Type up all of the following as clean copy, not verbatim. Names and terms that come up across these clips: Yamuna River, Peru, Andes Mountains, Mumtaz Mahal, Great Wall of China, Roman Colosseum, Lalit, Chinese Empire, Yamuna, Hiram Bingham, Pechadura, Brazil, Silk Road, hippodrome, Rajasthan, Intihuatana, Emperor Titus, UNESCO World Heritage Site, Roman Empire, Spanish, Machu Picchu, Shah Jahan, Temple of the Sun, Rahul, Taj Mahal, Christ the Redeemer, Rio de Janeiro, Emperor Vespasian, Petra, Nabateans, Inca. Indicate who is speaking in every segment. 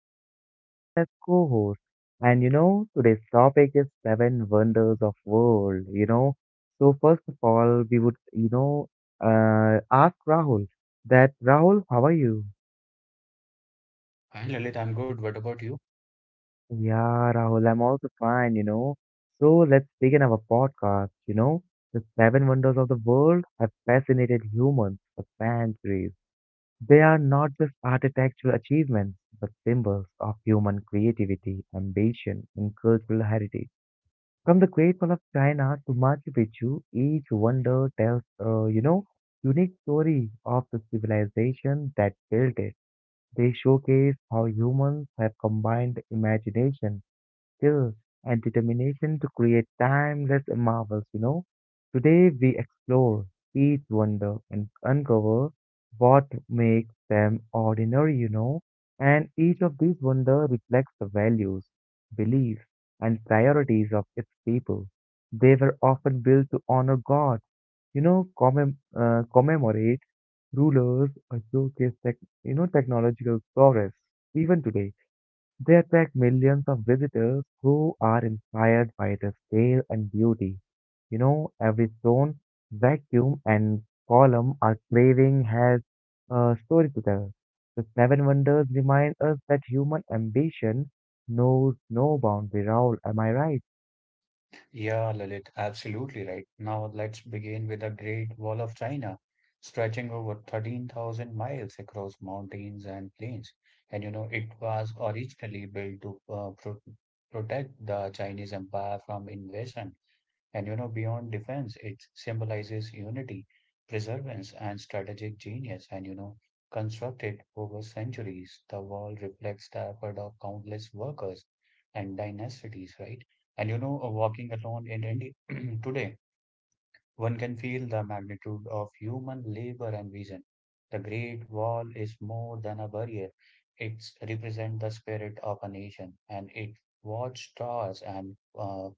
Speaker 1: and we have Rahul as co-host. And today's topic is seven wonders of world. So first of all, we would ask Rahul that Rahul, how are you?
Speaker 2: Hi Lalit, I'm good. What about you?
Speaker 1: Yeah, Rahul, I'm also fine. So let's begin our podcast. The seven wonders of the world have fascinated humans for centuries. They are not just architectural achievements, but symbols of human creativity, ambition, and cultural heritage. From the Great Wall of China to Machu Picchu, each wonder tells a unique story of the civilization that built it. They showcase how humans have combined imagination, skill, and determination to create timeless marvels. Today we explore each wonder and uncover what makes them ordinary. And each of these wonder reflects the values, beliefs, and priorities of its people. They were often built to honor God, commemorate rulers, or showcase, technological progress. Even today, they attract millions of visitors who are inspired by the scale and beauty. Every stone, vacuum, and column our craving has a story to tell. The Seven Wonders remind us that human ambition knows no boundary. Raoul, am I right?
Speaker 2: Yeah, Lalit, absolutely right. Now let's begin with the Great Wall of China, stretching over 13,000 miles across mountains and plains. And you know, it was originally built to protect the Chinese Empire from invasion. And you know, beyond defense, it symbolizes unity, perseverance, and strategic genius. And you know, constructed over centuries, the wall reflects the effort of countless workers and dynasties, right? And you know, walking alone in India today, one can feel the magnitude of human labor and vision. The Great Wall is more than a barrier. It represents the spirit of a nation, and it watchtowers and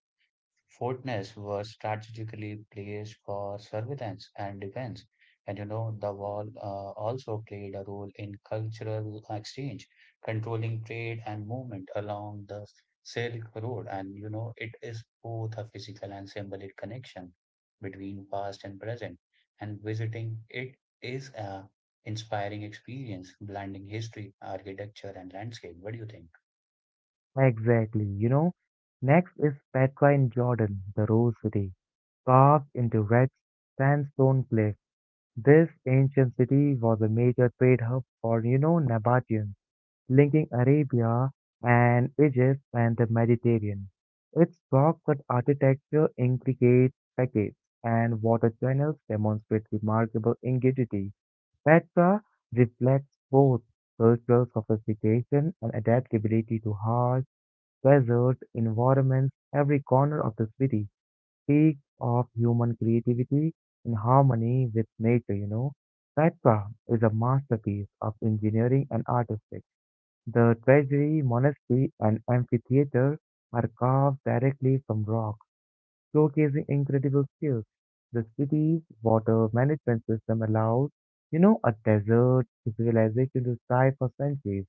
Speaker 2: Fortness was strategically placed for surveillance and defense. And you know, the wall also played a role in cultural exchange, controlling trade and movement along the Silk Road. And you know, it is both a physical and symbolic connection between past and present. And visiting it is a inspiring experience, blending history, architecture, and landscape. What do you think?
Speaker 1: Exactly. Next is Petra in Jordan, the Rose City, carved into red sandstone cliff. This ancient city was a major trade hub for Nabateans, linking Arabia and Egypt and the Mediterranean. Its rock cut architecture, intricate facades, and water channels demonstrate remarkable ingenuity. Petra reflects both cultural sophistication and adaptability to harsh, desert environments. Every corner of the city speaks of human creativity in harmony with nature. Petra is a masterpiece of engineering and artistry. The treasury, monastery, and amphitheater are carved directly from rock, showcasing incredible skills. The city's water management system allowed a desert civilization to thrive for centuries.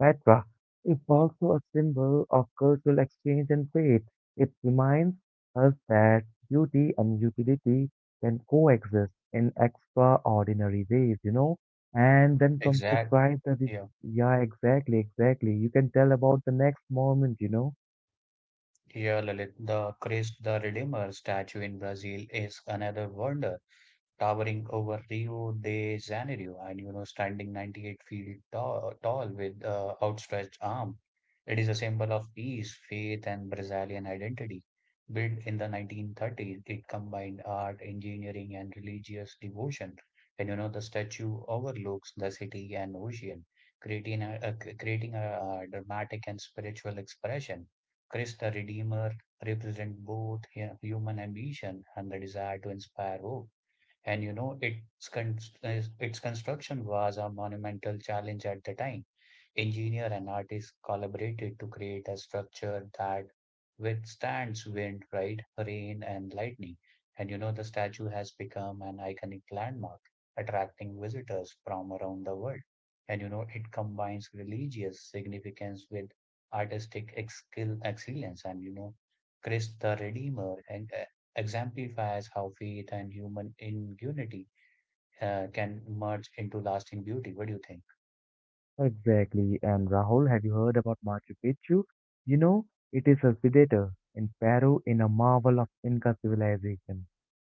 Speaker 1: Petra is also a symbol of cultural exchange and trade. It reminds us that beauty and utility can coexist in extraordinary ways. And then comes the
Speaker 2: Exact.
Speaker 1: tribe that is,
Speaker 2: Yeah.
Speaker 1: yeah, exactly, exactly. You can tell about the next moment.
Speaker 2: Yeah, Lalit, the Christ the Redeemer statue in Brazil is another wonder towering over Rio de Janeiro, and you know, standing 98 feet tall, tall with outstretched arm. It is a symbol of peace, faith, and Brazilian identity. Built in the 1930s, it combined art, engineering, and religious devotion. And you know, the statue overlooks the city and ocean, creating a dramatic and spiritual expression. Christ the Redeemer represents both human ambition and the desire to inspire hope, and you know, its construction was a monumental challenge at the time. Engineer and artists collaborated to create a structure that withstands wind, right, rain, and lightning. And you know, the statue has become an iconic landmark, attracting visitors from around the world. And you know, it combines religious significance with skill excellence, and you know, Christ the Redeemer and exemplifies how faith and human ingenuity can merge into lasting beauty. What do you think?
Speaker 1: Exactly. And Rahul, have you heard about Machu Picchu? You know, it is a predator in Peru in a marvel of Inca civilization,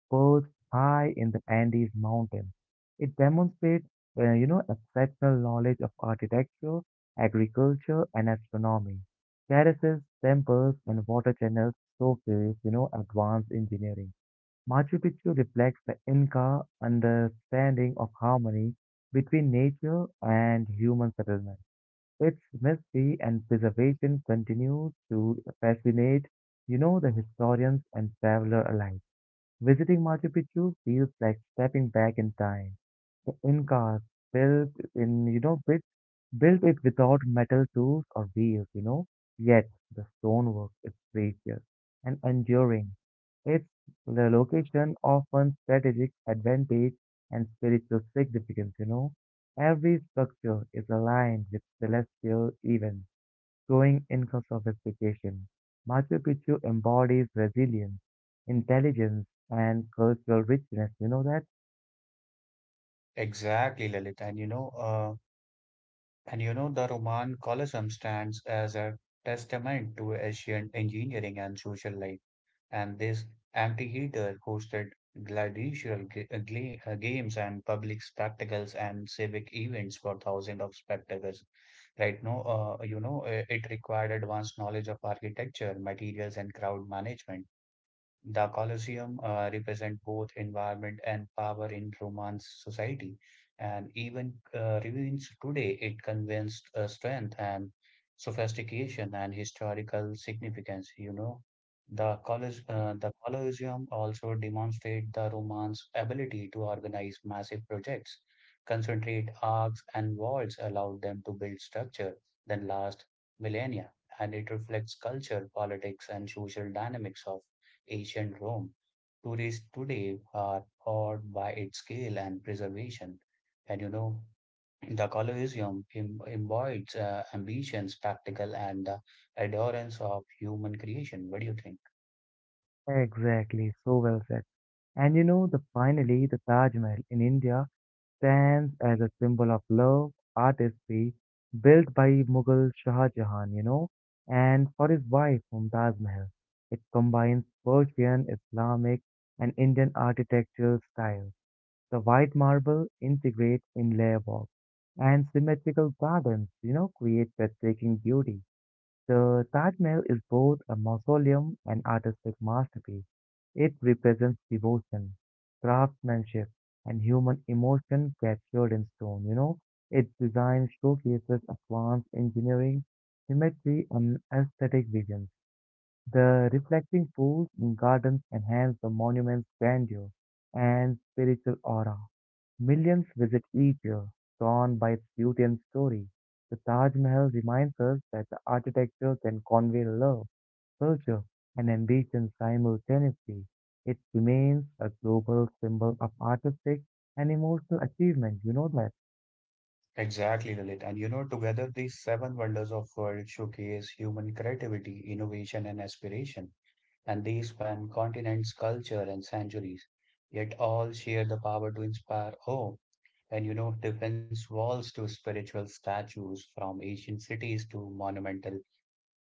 Speaker 1: perched high in the Andes Mountains. It demonstrates exceptional knowledge of architecture, agriculture, and astronomy. Terraces, temples, and water channels showcase advanced engineering. Machu Picchu reflects the Inca understanding of harmony between nature and human settlement. Its mystery and preservation continues to fascinate the historians and travelers alike. Visiting Machu Picchu feels like stepping back in time. The Incas built in, you know, built, built it without metal tools or wheels. Yet the stonework is precious and enduring. It's the location often strategic advantage and spiritual significance. Every structure is aligned with celestial events growing income sophistication. Machu Picchu embodies resilience, intelligence, and cultural richness. You know that?
Speaker 2: Exactly, Lalit. And you know, the Roman Colosseum stands as a testament to ancient engineering and social life. And this amphitheater hosted games and public spectacles and civic events for thousands of spectators. Right now, you know, it required advanced knowledge of architecture, materials, and crowd management. The Colosseum represent both environment and power in Roman society, and even remains today. It conveys strength and sophistication and historical significance. You know, the Colosseum also demonstrate the Romans' ability to organize massive projects, concentrate arcs and walls, allowed them to build structure that last millennia, and it reflects culture, politics, and social dynamics of ancient Rome. Tourists today are awed by its scale and preservation. And you know, the embodies ambition, spectacle, and the adherence of human creation. What do you think?
Speaker 1: Exactly, so well said. And the finally, the Taj Mahal in India stands as a symbol of love, artistry, built by Mughal Shah Jahan, and for his wife Mumtaz Mahal. It combines Persian, Islamic, and Indian architectural styles. The white marble integrates in layer walk and symmetrical gardens, create breathtaking beauty. The Taj Mahal is both a mausoleum and artistic masterpiece. It represents devotion, craftsmanship, and human emotion captured in stone. Its design showcases advanced engineering, symmetry, and aesthetic vision. The reflecting pools in gardens enhance the monument's grandeur and spiritual aura. Millions visit each year, drawn by its beauty and story. The Taj Mahal reminds us that the architecture can convey love, culture, and ambition simultaneously. It remains a global symbol of artistic and emotional achievement. You know that.
Speaker 2: Exactly, Lalit. And you know, together these seven wonders of world showcase human creativity, innovation, and aspiration. And they span continents, culture, and centuries, yet all share the power to inspire awe. And you know, defense walls to spiritual statues from ancient cities to monumental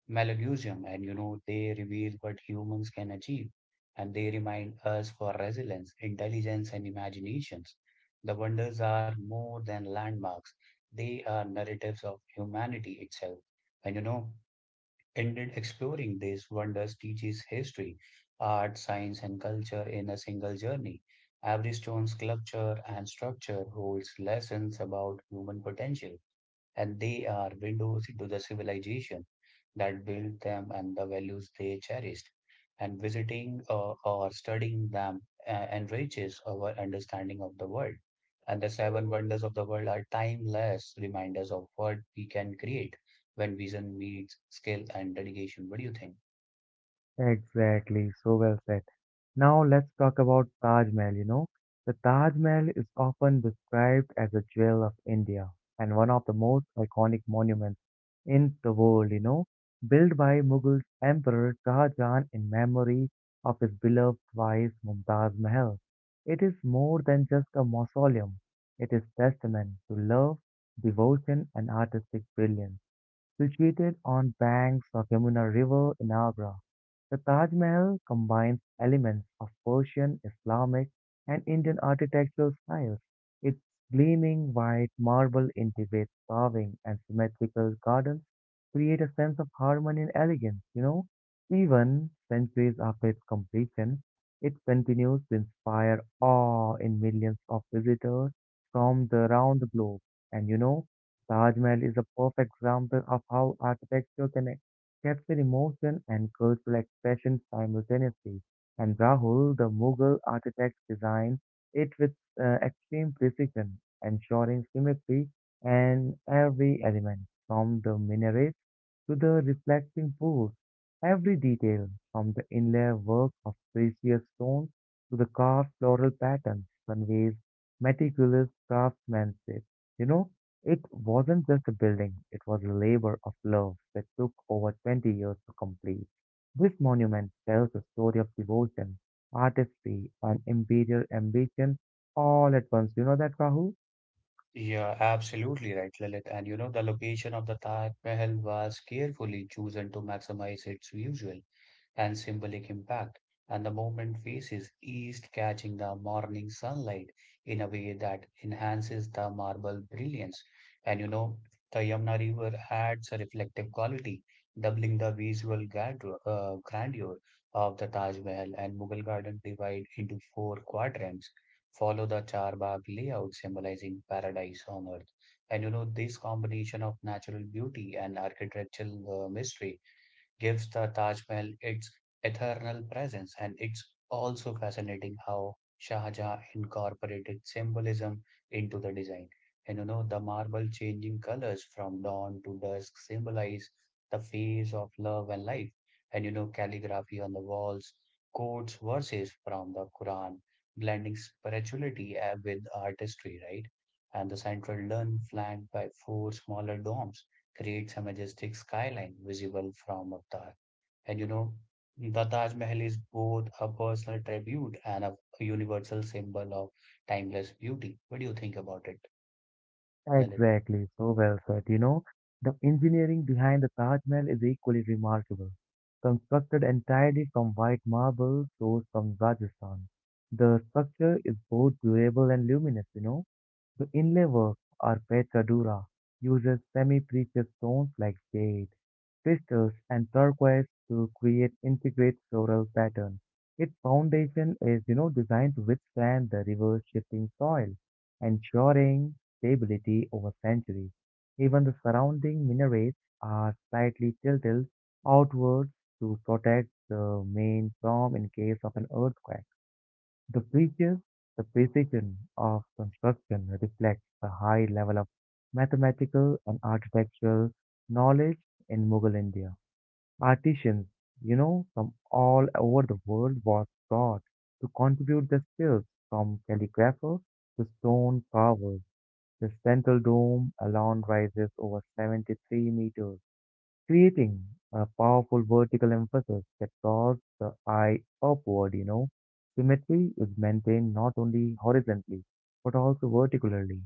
Speaker 2: Malagosium, and you know, they reveal what humans can achieve, and they remind us for resilience, intelligence, and imaginations. The wonders are more than landmarks. They are narratives of humanity itself. And you know, ended exploring these wonders teaches history, art, science, and culture in a single journey. Every stone's sculpture and structure holds lessons about human potential, and they are windows into the civilization that built them and the values they cherished. And visiting or studying them enriches our understanding of the world. And the seven wonders of the world are timeless reminders of what we can create when vision meets skill and dedication. What do you think?
Speaker 1: Exactly, so well said. Now let's talk about Taj Mahal. The Taj Mahal is often described as a jewel of India and one of the most iconic monuments in the world, built by Mughal Emperor Shahjahan in memory of his beloved wife Mumtaz Mahal. It is more than just a mausoleum. It is testament to love, devotion, and artistic brilliance. Situated on banks of Yamuna River in Agra, the Taj Mahal combines elements of Persian, Islamic, and Indian architectural styles. Its gleaming white marble intricate carving and symmetrical gardens create a sense of harmony and elegance. Even centuries after its completion, it continues to inspire awe in millions of visitors from the around the globe. And Taj Mahal is a perfect example of how architecture can capture emotion and cultural expression simultaneously. And Rahul, the Mughal architect designed it with extreme precision, ensuring symmetry in every element, from the minaret to the reflecting pools. Every detail, from the inlay work of precious stones to the carved floral patterns, conveys meticulous craftsmanship. You know, it wasn't just a building, it was a labor of love that took over 20 years to complete. This monument tells a story of devotion, artistry, and imperial ambition all at once. You know that, Rahul?
Speaker 2: Yeah, absolutely right, Lalit. And you know, the location of the Taj Mahal was carefully chosen to maximize its visual and symbolic impact, and the movement faces east, catching the morning sunlight in a way that enhances the marble brilliance. And you know, the Yamuna River adds a reflective quality, doubling the visual grandeur of the Taj Mahal, and Mughal Garden divide into four quadrants. Follow the charbagh layout symbolizing paradise on earth. And you know, this combination of natural beauty and architectural mystery gives the Taj Mahal its eternal presence, and it's also fascinating how Shah Jahan incorporated symbolism into the design. And you know, the marble changing colors from dawn to dusk symbolize the phase of love and life. And you know, calligraphy on the walls quotes verses from the Quran, blending spirituality with artistry, right? And the central dome flanked by four smaller domes creates a majestic skyline visible from up there. And you know, the Taj Mahal is both a personal tribute and a universal symbol of timeless beauty. What do you think about it, Lalit?
Speaker 1: Exactly, so well said. The engineering behind the Taj Mahal is equally remarkable. Constructed entirely from white marble sourced from Rajasthan, the structure is both durable and luminous. The inlay work, or Pechadura, uses semi-precious stones like jade, crystals, and turquoise to create intricate floral patterns. Its foundation is designed to withstand the river's shifting soil, ensuring stability over centuries. Even the surrounding minarets are slightly tilted outwards to protect the main from in case of an earthquake. The features, the precision of construction reflects the high level of mathematical and architectural knowledge in Mughal India. Artisans, from all over the world was taught to contribute their skills, from calligraphers to stone carvers. The central dome alone rises over 73 meters, creating a powerful vertical emphasis that draws the eye upward. Symmetry is maintained not only horizontally but also vertically,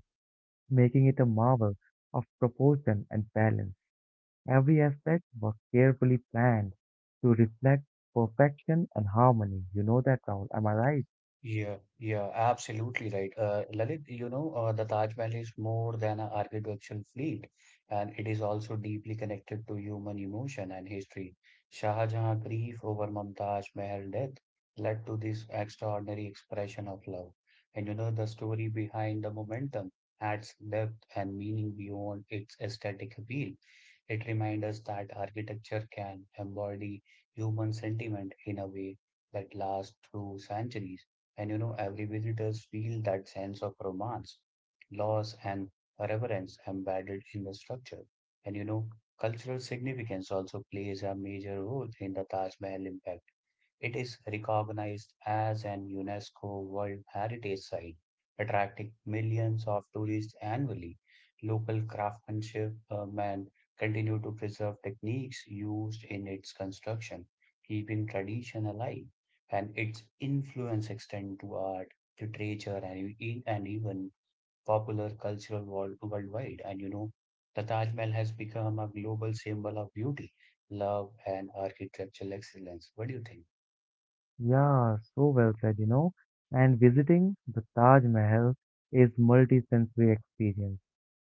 Speaker 1: making it a marvel of proportion and balance. Every aspect was carefully planned to reflect perfection and harmony. You know that, Rahul, am I right?
Speaker 2: Yeah, yeah, absolutely right. Lalit, you know, the Taj Mahal is more than an architectural fleet, and it is also deeply connected to human emotion and history. Shah Jahan's grief over Mumtaz Mahal death led to this extraordinary expression of love. And you know, the story behind the momentum adds depth and meaning beyond its aesthetic appeal. It reminds us that architecture can embody human sentiment in a way that lasts through centuries. And you know, every visitors feel that sense of romance, loss, and reverence embedded in the structure. And you know, cultural significance also plays a major role in the Taj Mahal impact. It is recognized as an UNESCO World Heritage Site, attracting millions of tourists annually. Local craftsmanship and continue to preserve techniques used in its construction, keeping tradition alive, and its influence extend to art, literature, and and even popular cultural world, worldwide. And you know, the Taj Mahal has become a global symbol of beauty, love, and architectural excellence. What do you think?
Speaker 1: Yeah, so well said. And visiting the Taj Mahal is multi-sensory experience.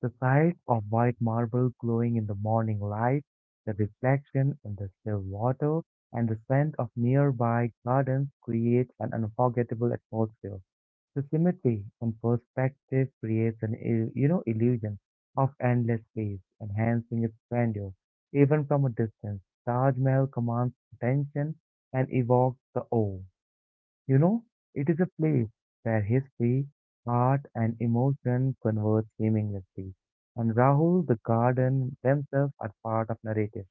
Speaker 1: The sight of white marble glowing in the morning light, the reflection in the still water, and the scent of nearby gardens create an unforgettable atmosphere. The symmetry in perspective creates an illusion of endless space, enhancing its grandeur. Even from a distance, Taj Mahal commands attention and evokes the awe. You know, it is a place where history, art, and emotion converge seamlessly. And Rahul, the garden themselves are part of narrative.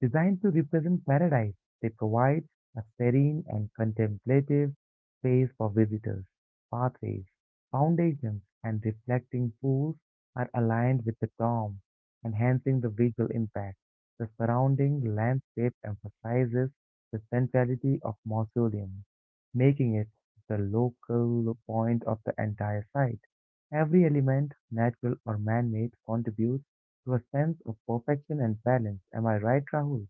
Speaker 1: Designed to represent paradise, they provide a serene and contemplative space for visitors. Pathways, foundations, and reflecting pools are aligned with the dome, enhancing the visual impact. The surrounding landscape emphasizes the centrality of mausoleum, making it the local point of the entire site. Every element, natural or man-made, contributes to a sense of perfection and balance. Am I right, Rahul?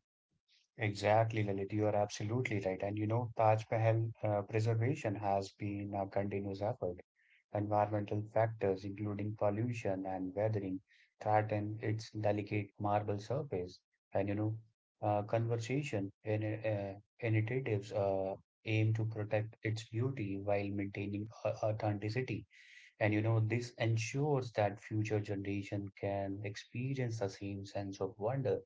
Speaker 2: Exactly, Lalit, you are absolutely right. And you know, Taj Mahal preservation has been a continuous effort. Environmental factors, including pollution and weathering, threaten its delicate marble surface. And you know, conservation initiatives aim to protect its beauty while maintaining authenticity. And you know, this ensures that future generation can experience the same sense of wonder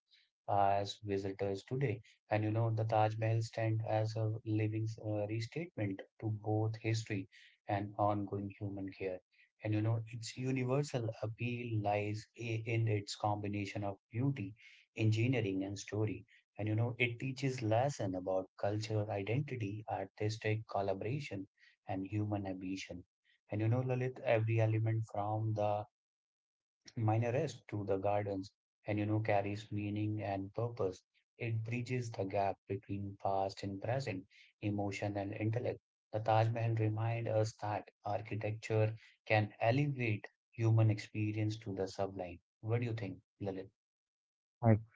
Speaker 2: as visitors today. And you know, the Taj Mahal stand as a living restatement to both history and ongoing human care. And you know, its universal appeal lies in its combination of beauty, engineering, and story. And you know, it teaches lesson about culture, identity, artistic collaboration, and human ambition, and you know, Lalit, every element from the minarets to the gardens, and you know, carries meaning and purpose. It bridges the gap between past and present, emotion and intellect. The Taj Mahal reminds us that architecture can elevate human experience to the sublime. What do you think, Lalit?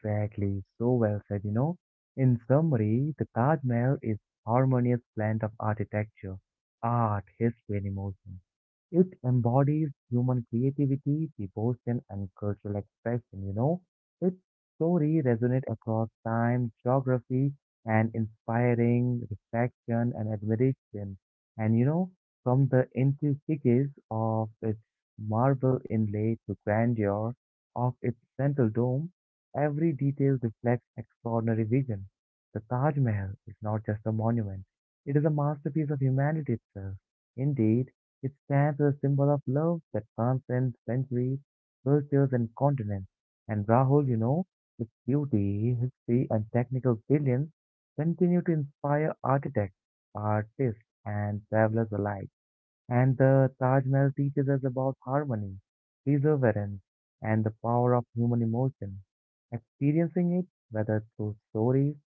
Speaker 1: Exactly, so well said. In summary, the Taj Mahal is harmonious blend of architecture, art, history, and emotion. It embodies human creativity, devotion, and cultural expression. Its story resonates across time, geography, and inspiring reflection and admiration. And from the intricacies of its marble inlay to grandeur of its central dome, every detail reflects extraordinary vision. The Taj Mahal is not just a monument, it is a masterpiece of humanity itself. Indeed, it stands as a symbol of love that transcends centuries, cultures, and continents. And Rahul, its beauty, history, and technical brilliance continue to inspire architects, artists, and travelers alike. And the Taj Mahal teaches us about harmony, perseverance, and the power of human emotion. Experiencing it, whether through stories,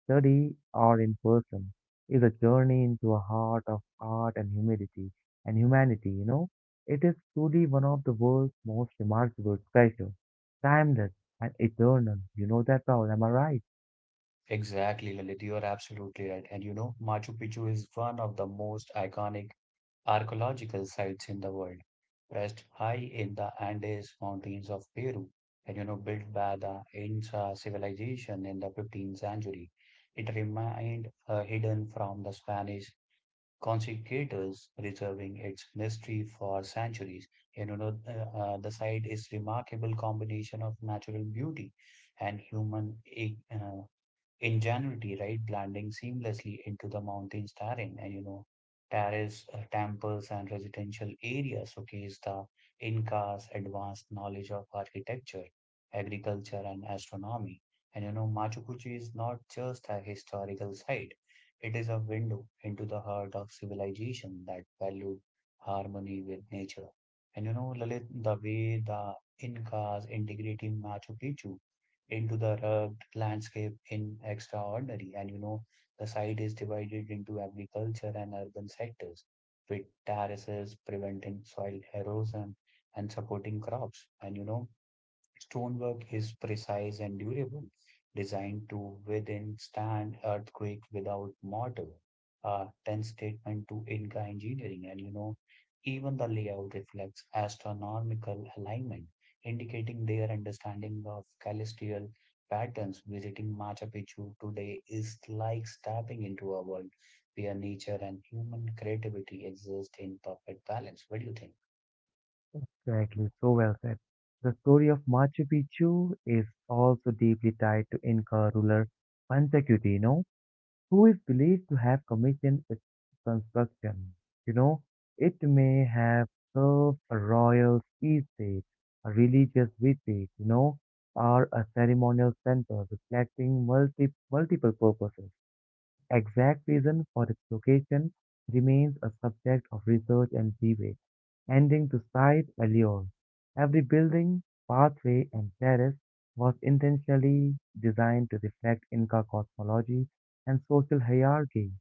Speaker 1: study, or in person, is a journey into a heart of art and humidity and humanity. It is truly one of the world's most remarkable treasures, timeless and eternal. You know that, Paul, am I right?
Speaker 2: Exactly, Lalit, you are absolutely right. And you know, Machu Picchu is one of the most iconic archaeological sites in the world, rest high in the Andes Mountains of Peru, and you know, built by the Inca civilization in the 15th century. It remained hidden from the Spanish conquistadors, reserving its mystery for centuries. And you know, the site is remarkable combination of natural beauty and human in January, right, blending seamlessly into the mountains terrain, and you know, terrace temples and residential areas showcase the Incas' advanced knowledge of architecture, agriculture, and astronomy. And you know, Machu Picchu is not just a historical site; it is a window into the heart of civilization that valued harmony with nature. And you know, Lalit, the way the Incas integrated Machu Picchu into the rugged landscape in extraordinary. And you know, the site is divided into agriculture and urban sectors, with terraces preventing soil erosion and supporting crops. And you know, Stonework is precise and durable, designed to withstand earthquake without mortar. A 10 statement to Inca engineering, and you know, even the layout reflects astronomical alignment, indicating their understanding of celestial patterns. Visiting Machu Picchu today is like stepping into a world where nature and human creativity exist in perfect balance. What do you think?
Speaker 1: Exactly, so well said. The story of Machu Picchu is also deeply tied to Inca ruler Pachacuti, who is believed to have commissioned its construction. You know, it may have served a royal feast day, a religious retreat, or a ceremonial center reflecting multiple purposes. Exact reason for its location remains a subject of research and debate, ending to site allure. Every building, pathway, and terrace was intentionally designed to reflect Inca cosmology and social hierarchy.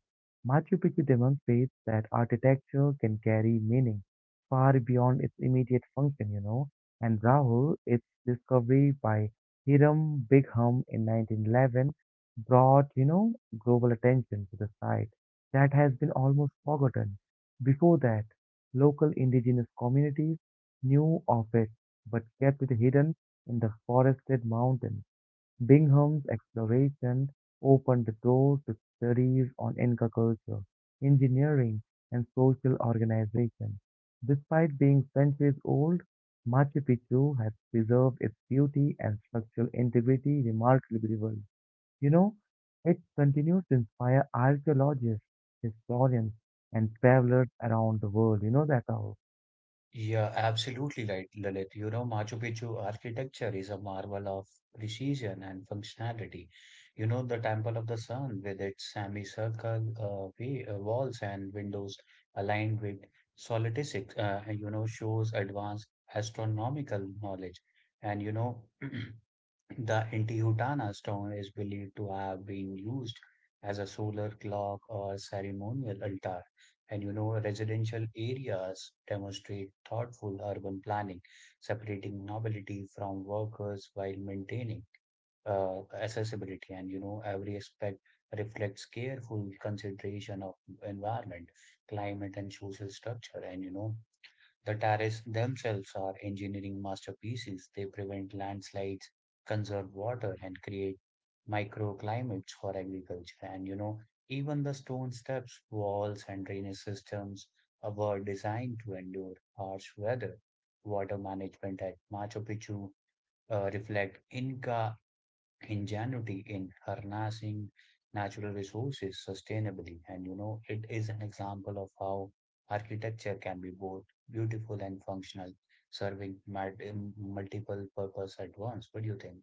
Speaker 1: Machu Picchu demonstrates that architecture can carry meaning far beyond its immediate function. And Rahul, its discovery by Hiram Bingham in 1911 brought global attention to the site that has been almost forgotten. Before that, local indigenous communities knew of it but kept it hidden in the forested mountains. Bingham's exploration opened the door to studies on Inca culture, engineering, and social organization. Despite being centuries old, Machu Picchu has preserved its beauty and structural integrity remarkably well. You know, it continues to inspire archaeologists, historians, and travelers around the world. You know that all.
Speaker 2: Yeah, absolutely right, Lalit. You know, Machu Picchu architecture is a marvel of precision and functionality. You know, the Temple of the Sun, with its semicircle walls and windows aligned with solidisc, you know, shows advanced astronomical knowledge. And, you know, the Intihuatana stone is believed to have been used as a solar clock or ceremonial altar. And you know, residential areas demonstrate thoughtful urban planning, separating nobility from workers while maintaining accessibility. And you know, every aspect reflects careful consideration of environment, climate, and social structure. And you know, the terraces themselves are engineering masterpieces. They prevent landslides, conserve water, and create microclimates for agriculture. And you know, even the stone steps, walls, and drainage systems were designed to endure harsh weather. Water management at Machu Picchu reflect Inca ingenuity in harnessing natural resources sustainably. And you know, it is an example of how architecture can be both beautiful and functional, serving multiple purpose at once. What do you think?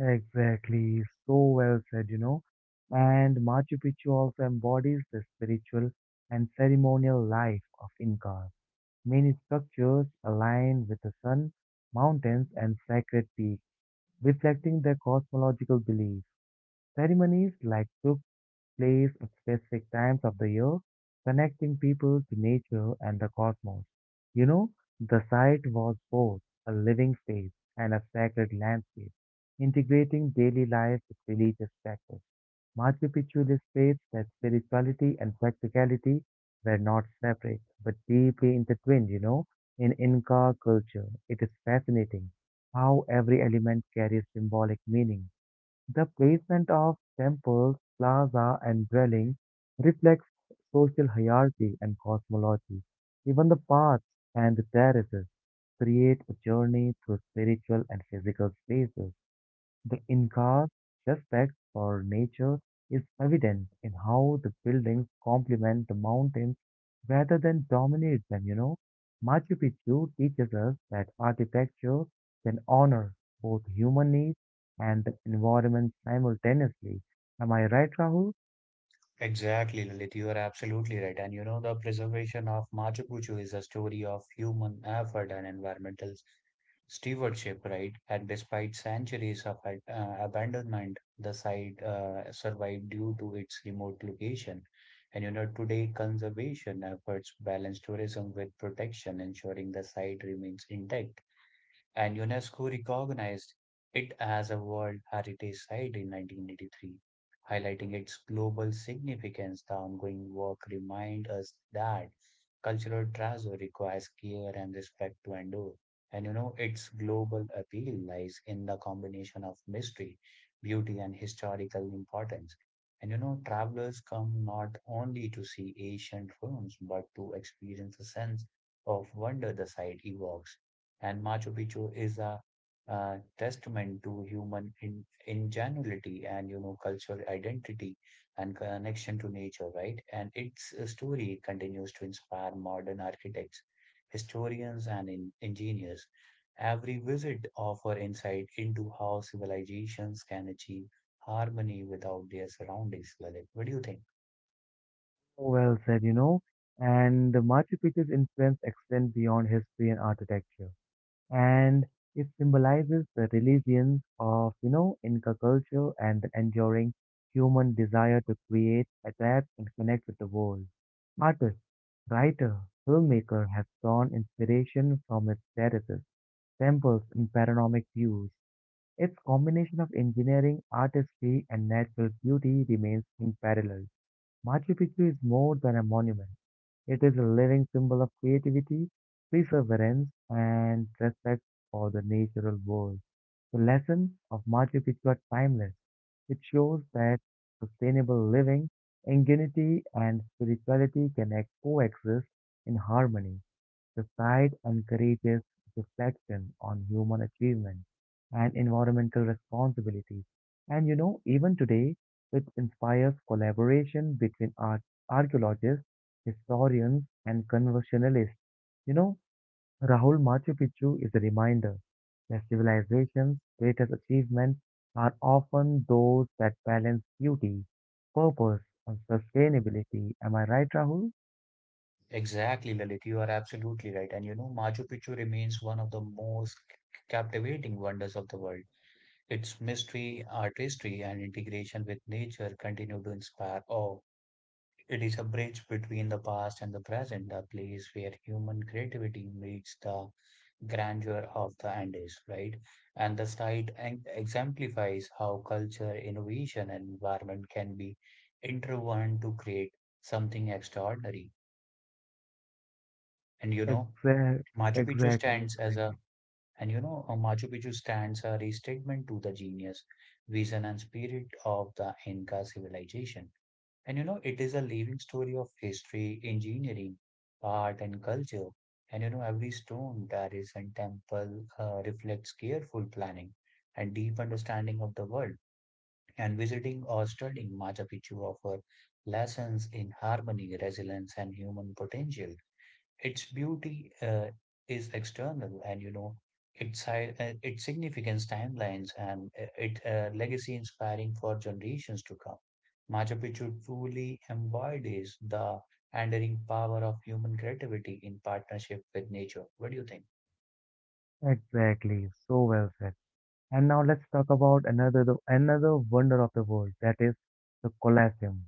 Speaker 1: Exactly, so well said, you know. And Machu Picchu also embodies the spiritual and ceremonial life of Incas. Many structures align with the sun, mountains, and sacred peaks, reflecting their cosmological beliefs. Ceremonies like place at specific times of the year, connecting people to nature and the cosmos. You know, the site was both a living space and a sacred landscape, integrating daily life with religious practice. Machu Picchu illustrates that spirituality and practicality were not separate, but deeply intertwined, you know, in Inca culture. It is fascinating how every element carries symbolic meaning the placement of temples, plaza, and dwellings reflects social hierarchy and cosmology. Even the paths and the terraces create a journey through spiritual and physical spaces. The Inca's respect for nature is evident in how the buildings complement the mountains rather than dominate them, you know. Machu Picchu teaches us that architecture can honor both human needs and the environment simultaneously. Am I right, Rahul?
Speaker 2: Exactly, Lalit. You are absolutely right. And you know, the preservation of Machu Picchu is a story of human effort and environmental stewardship, right? And despite centuries of abandonment, the site survived due to its remote location. And you know, today conservation efforts balance tourism with protection, ensuring the site remains intact and UNESCO recognized it as a World Heritage Site in 1983, highlighting its global significance. The ongoing work reminds us that cultural treasure requires care and respect to endure. And you know, its global appeal lies in the combination of mystery, beauty, and historical importance. And you know, travelers come not only to see ancient ruins, but to experience the sense of wonder the site evokes and Machu Picchu is a testament to human ingenuity and you know cultural identity and connection to nature, right? And its story continues to inspire modern architects, historians, and engineers. Every visit offers insight into how civilizations can achieve harmony without their surroundings. Lalit, what do you think?
Speaker 1: Well said, you know. And the Machu Picchu's influence extends beyond history and architecture. And it symbolizes the religions of, you know, Inca culture and the enduring human desire to create, adapt, and connect with the world. Artists, writer, filmmaker have drawn inspiration from its terraces, temples, and panoramic views. Its combination of engineering, artistry, and natural beauty remains unparalleled. Machu Picchu is more than a monument. It is a living symbol of creativity, perseverance, and respect for the natural world. The lessons of Machu Picchu are timeless. It shows that sustainable living, ingenuity, and spirituality can coexist in harmony. The site encourages reflection on human achievement and environmental responsibilities. And you know, even today, it inspires collaboration between archaeologists, historians, and conversationalists. You know, Rahul, Machu Picchu is a reminder that civilization's greatest achievements are often those that balance beauty, purpose, and sustainability. Am I right, Rahul?
Speaker 2: Exactly, Lalit, you are absolutely right. And you know, Machu Picchu remains one of the most captivating wonders of the world. Its mystery, artistry, and integration with nature continue to inspire awe. It is a bridge between the past and the present, a place where human creativity meets the grandeur of the Andes, right? And the site exemplifies how culture, innovation, and environment can be interwoven to create something extraordinary. And you know,
Speaker 1: Exactly,
Speaker 2: Machu Picchu
Speaker 1: exactly,
Speaker 2: stands as
Speaker 1: exactly.
Speaker 2: a. And you know, Machu Picchu stands a restatement to the genius, vision, and spirit of the Inca civilization. And you know, it is a living story of history, engineering, art, and culture. And you know, every stone that is in temple reflects careful planning and deep understanding of the world. And visiting or studying Machu Picchu offer lessons in harmony, resilience, and human potential. Its beauty is external, and you know its its significance, timelines, and its legacy inspiring for generations to come. Machu Picchu truly embodies the enduring power of human creativity in partnership with nature. What do you think?
Speaker 1: Exactly, so well said. And now let's talk about another wonder of the world, that is the Colosseum.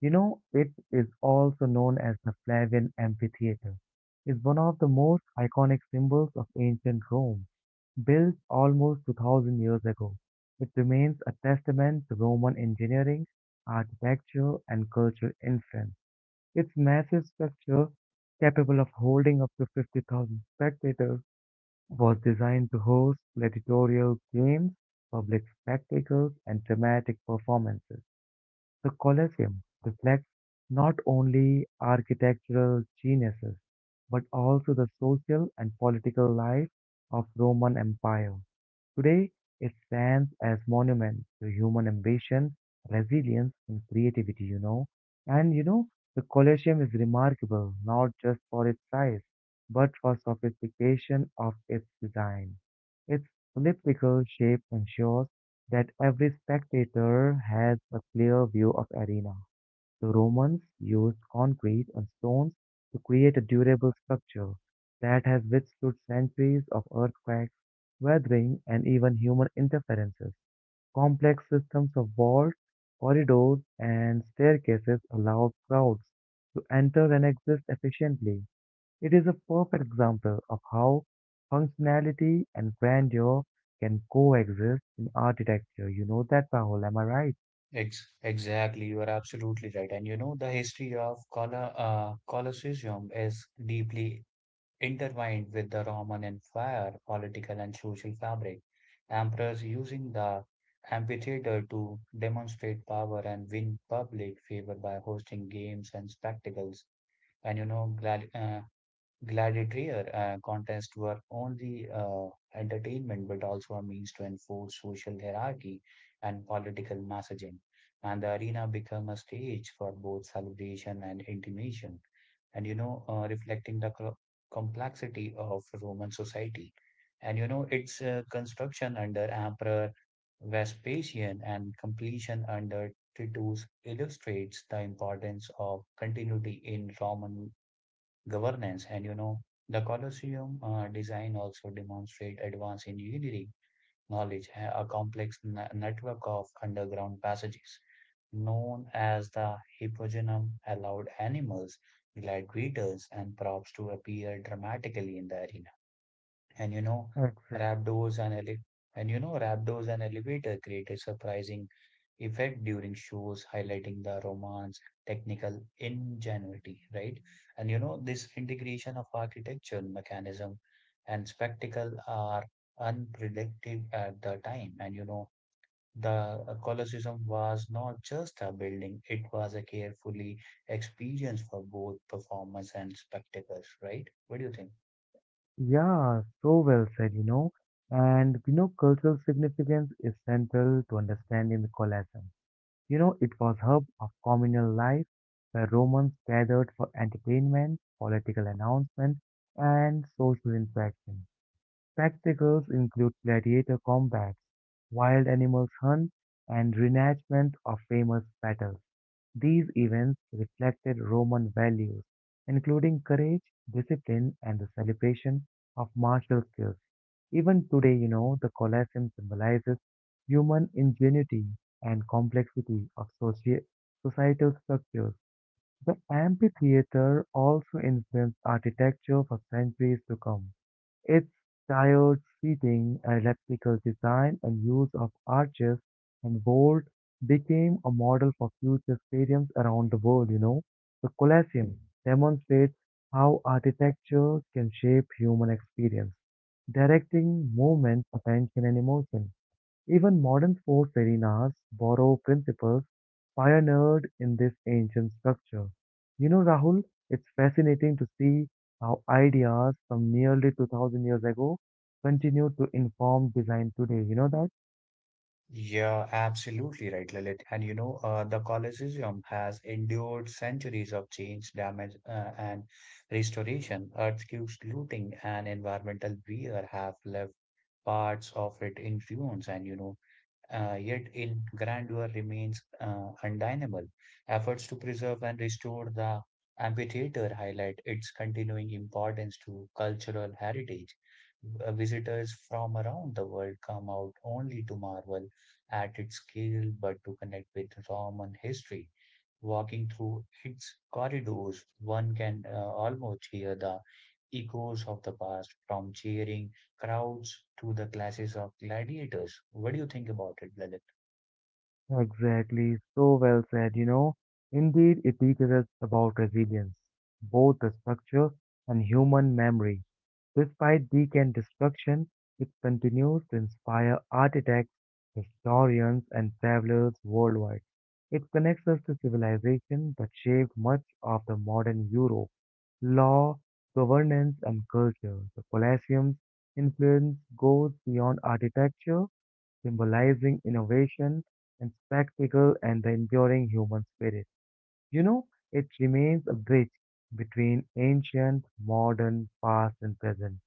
Speaker 1: You know, it is also known as the Flavian Amphitheater. It's one of the most iconic symbols of ancient Rome. Built almost 2000 years ago, it remains a testament to Roman engineering, architecture, and cultural influence. Its massive structure, capable of holding up to 50,000 spectators, was designed to host gladiatorial games, public spectacles, and dramatic performances. The Colosseum reflects not only architectural geniuses, but also the social and political life of Roman Empire. Today, it stands as monument to human ambition, resilience, and creativity, you know. And you know, the Colosseum is remarkable not just for its size, but for sophistication of its design. Its elliptical shape ensures that every spectator has a clear view of arena. The Romans used concrete and stones to create a durable structure that has withstood centuries of earthquakes, weathering, and even human interferences. Complex systems of walls, corridors, and staircases allowed crowds to enter and exist efficiently. It is a perfect example of how functionality and grandeur can coexist in architecture. You know that, Rahul, am I right?
Speaker 2: Exactly, you are absolutely right. And you know, the history of Colosseum is deeply intertwined with the Roman Empire political and social fabric, emperors using the amphitheater to demonstrate power and win public favor by hosting games and spectacles. And you know, gladiator contests were only entertainment but also a means to enforce social hierarchy and political messaging. And the arena became a stage for both celebration and intimidation and you know reflecting the complexity of Roman society. And you know its construction under Emperor Vespasian and completion under Titus illustrates the importance of continuity in Roman governance. And you know the Colosseum design also demonstrate advance in engineering knowledge, a complex network of underground passages known as the hippogenum allowed animals, gladiators, and props to appear dramatically in the arena. And you know,
Speaker 1: Exactly.
Speaker 2: Raptors and ele- Raptors and Elevator created surprising effect during shows, highlighting the romance, technical ingenuity, right? And you know, this integration of architecture, mechanism, and spectacle are unpredictable at the time. And you know the Colosseum was not just a building, it was a carefully experience for both performers and spectators, right? What do you think?
Speaker 1: Yeah, so well said, you know. And you know, cultural significance is central to understanding the Colosseum. You know, it was hub of communal life where Romans gathered for entertainment, political announcement, and social interaction. Spectacles include gladiator combats, wild animals hunt, and reenactment of famous battles. These events reflected Roman values, including courage, discipline, and the celebration of martial skills. Even today, you know, the Colosseum symbolizes human ingenuity and complexity of societal structures. The amphitheater also influenced architecture for centuries to come. Its tiered seating, elliptical design, and use of arches and vault became a model for future stadiums around the world, you know. The Colosseum demonstrates how architecture can shape human experience, directing movement, attention, and emotion. Even modern sports arenas borrow principles pioneered in this ancient structure. You know, Rahul, it's fascinating to see how ideas from nearly 2000 years ago continue to inform design today. You know that?
Speaker 2: Yeah, absolutely right, Lalit. And you know, the Colosseum has endured centuries of change, damage, and restoration. Earthquakes, looting, and environmental wear have left parts of it in ruins. And you know, yet in grandeur remains undeniable. Efforts to preserve and restore the amphitheater highlight its continuing importance to cultural heritage. Visitors from around the world come out only to marvel at its scale, but to connect with Roman history. Walking through its corridors, one can almost hear the echoes of the past, from cheering crowds to the classes of gladiators. What do you think about it, Lalit?
Speaker 1: Exactly, so well said, you know. Indeed, it teaches us about resilience, both the structure and human memory. Despite decay and destruction, it continues to inspire architects, historians, and travelers worldwide. It connects us to civilization that shaped much of the modern Europe. Law, governance, and culture. The Colosseum's influence goes beyond architecture symbolizing innovation and spectacle and the enduring human spirit. You know, it remains a bridge between ancient, modern, past, and present,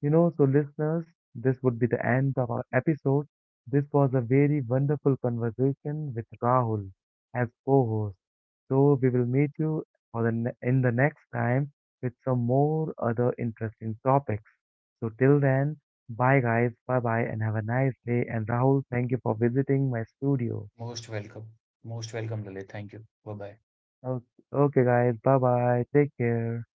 Speaker 1: you know. So listeners, this would be the end of our episode. This was a very wonderful conversation with Rahul as co-host. So we will meet you for the in the next time with some more other interesting topics. So till then, bye guys, bye bye, and have a nice day. And Rahul, thank you for visiting my studio.
Speaker 2: Most welcome. Most welcome, Lalit. Thank you. Bye bye.
Speaker 1: Okay, okay guys, bye bye, take care.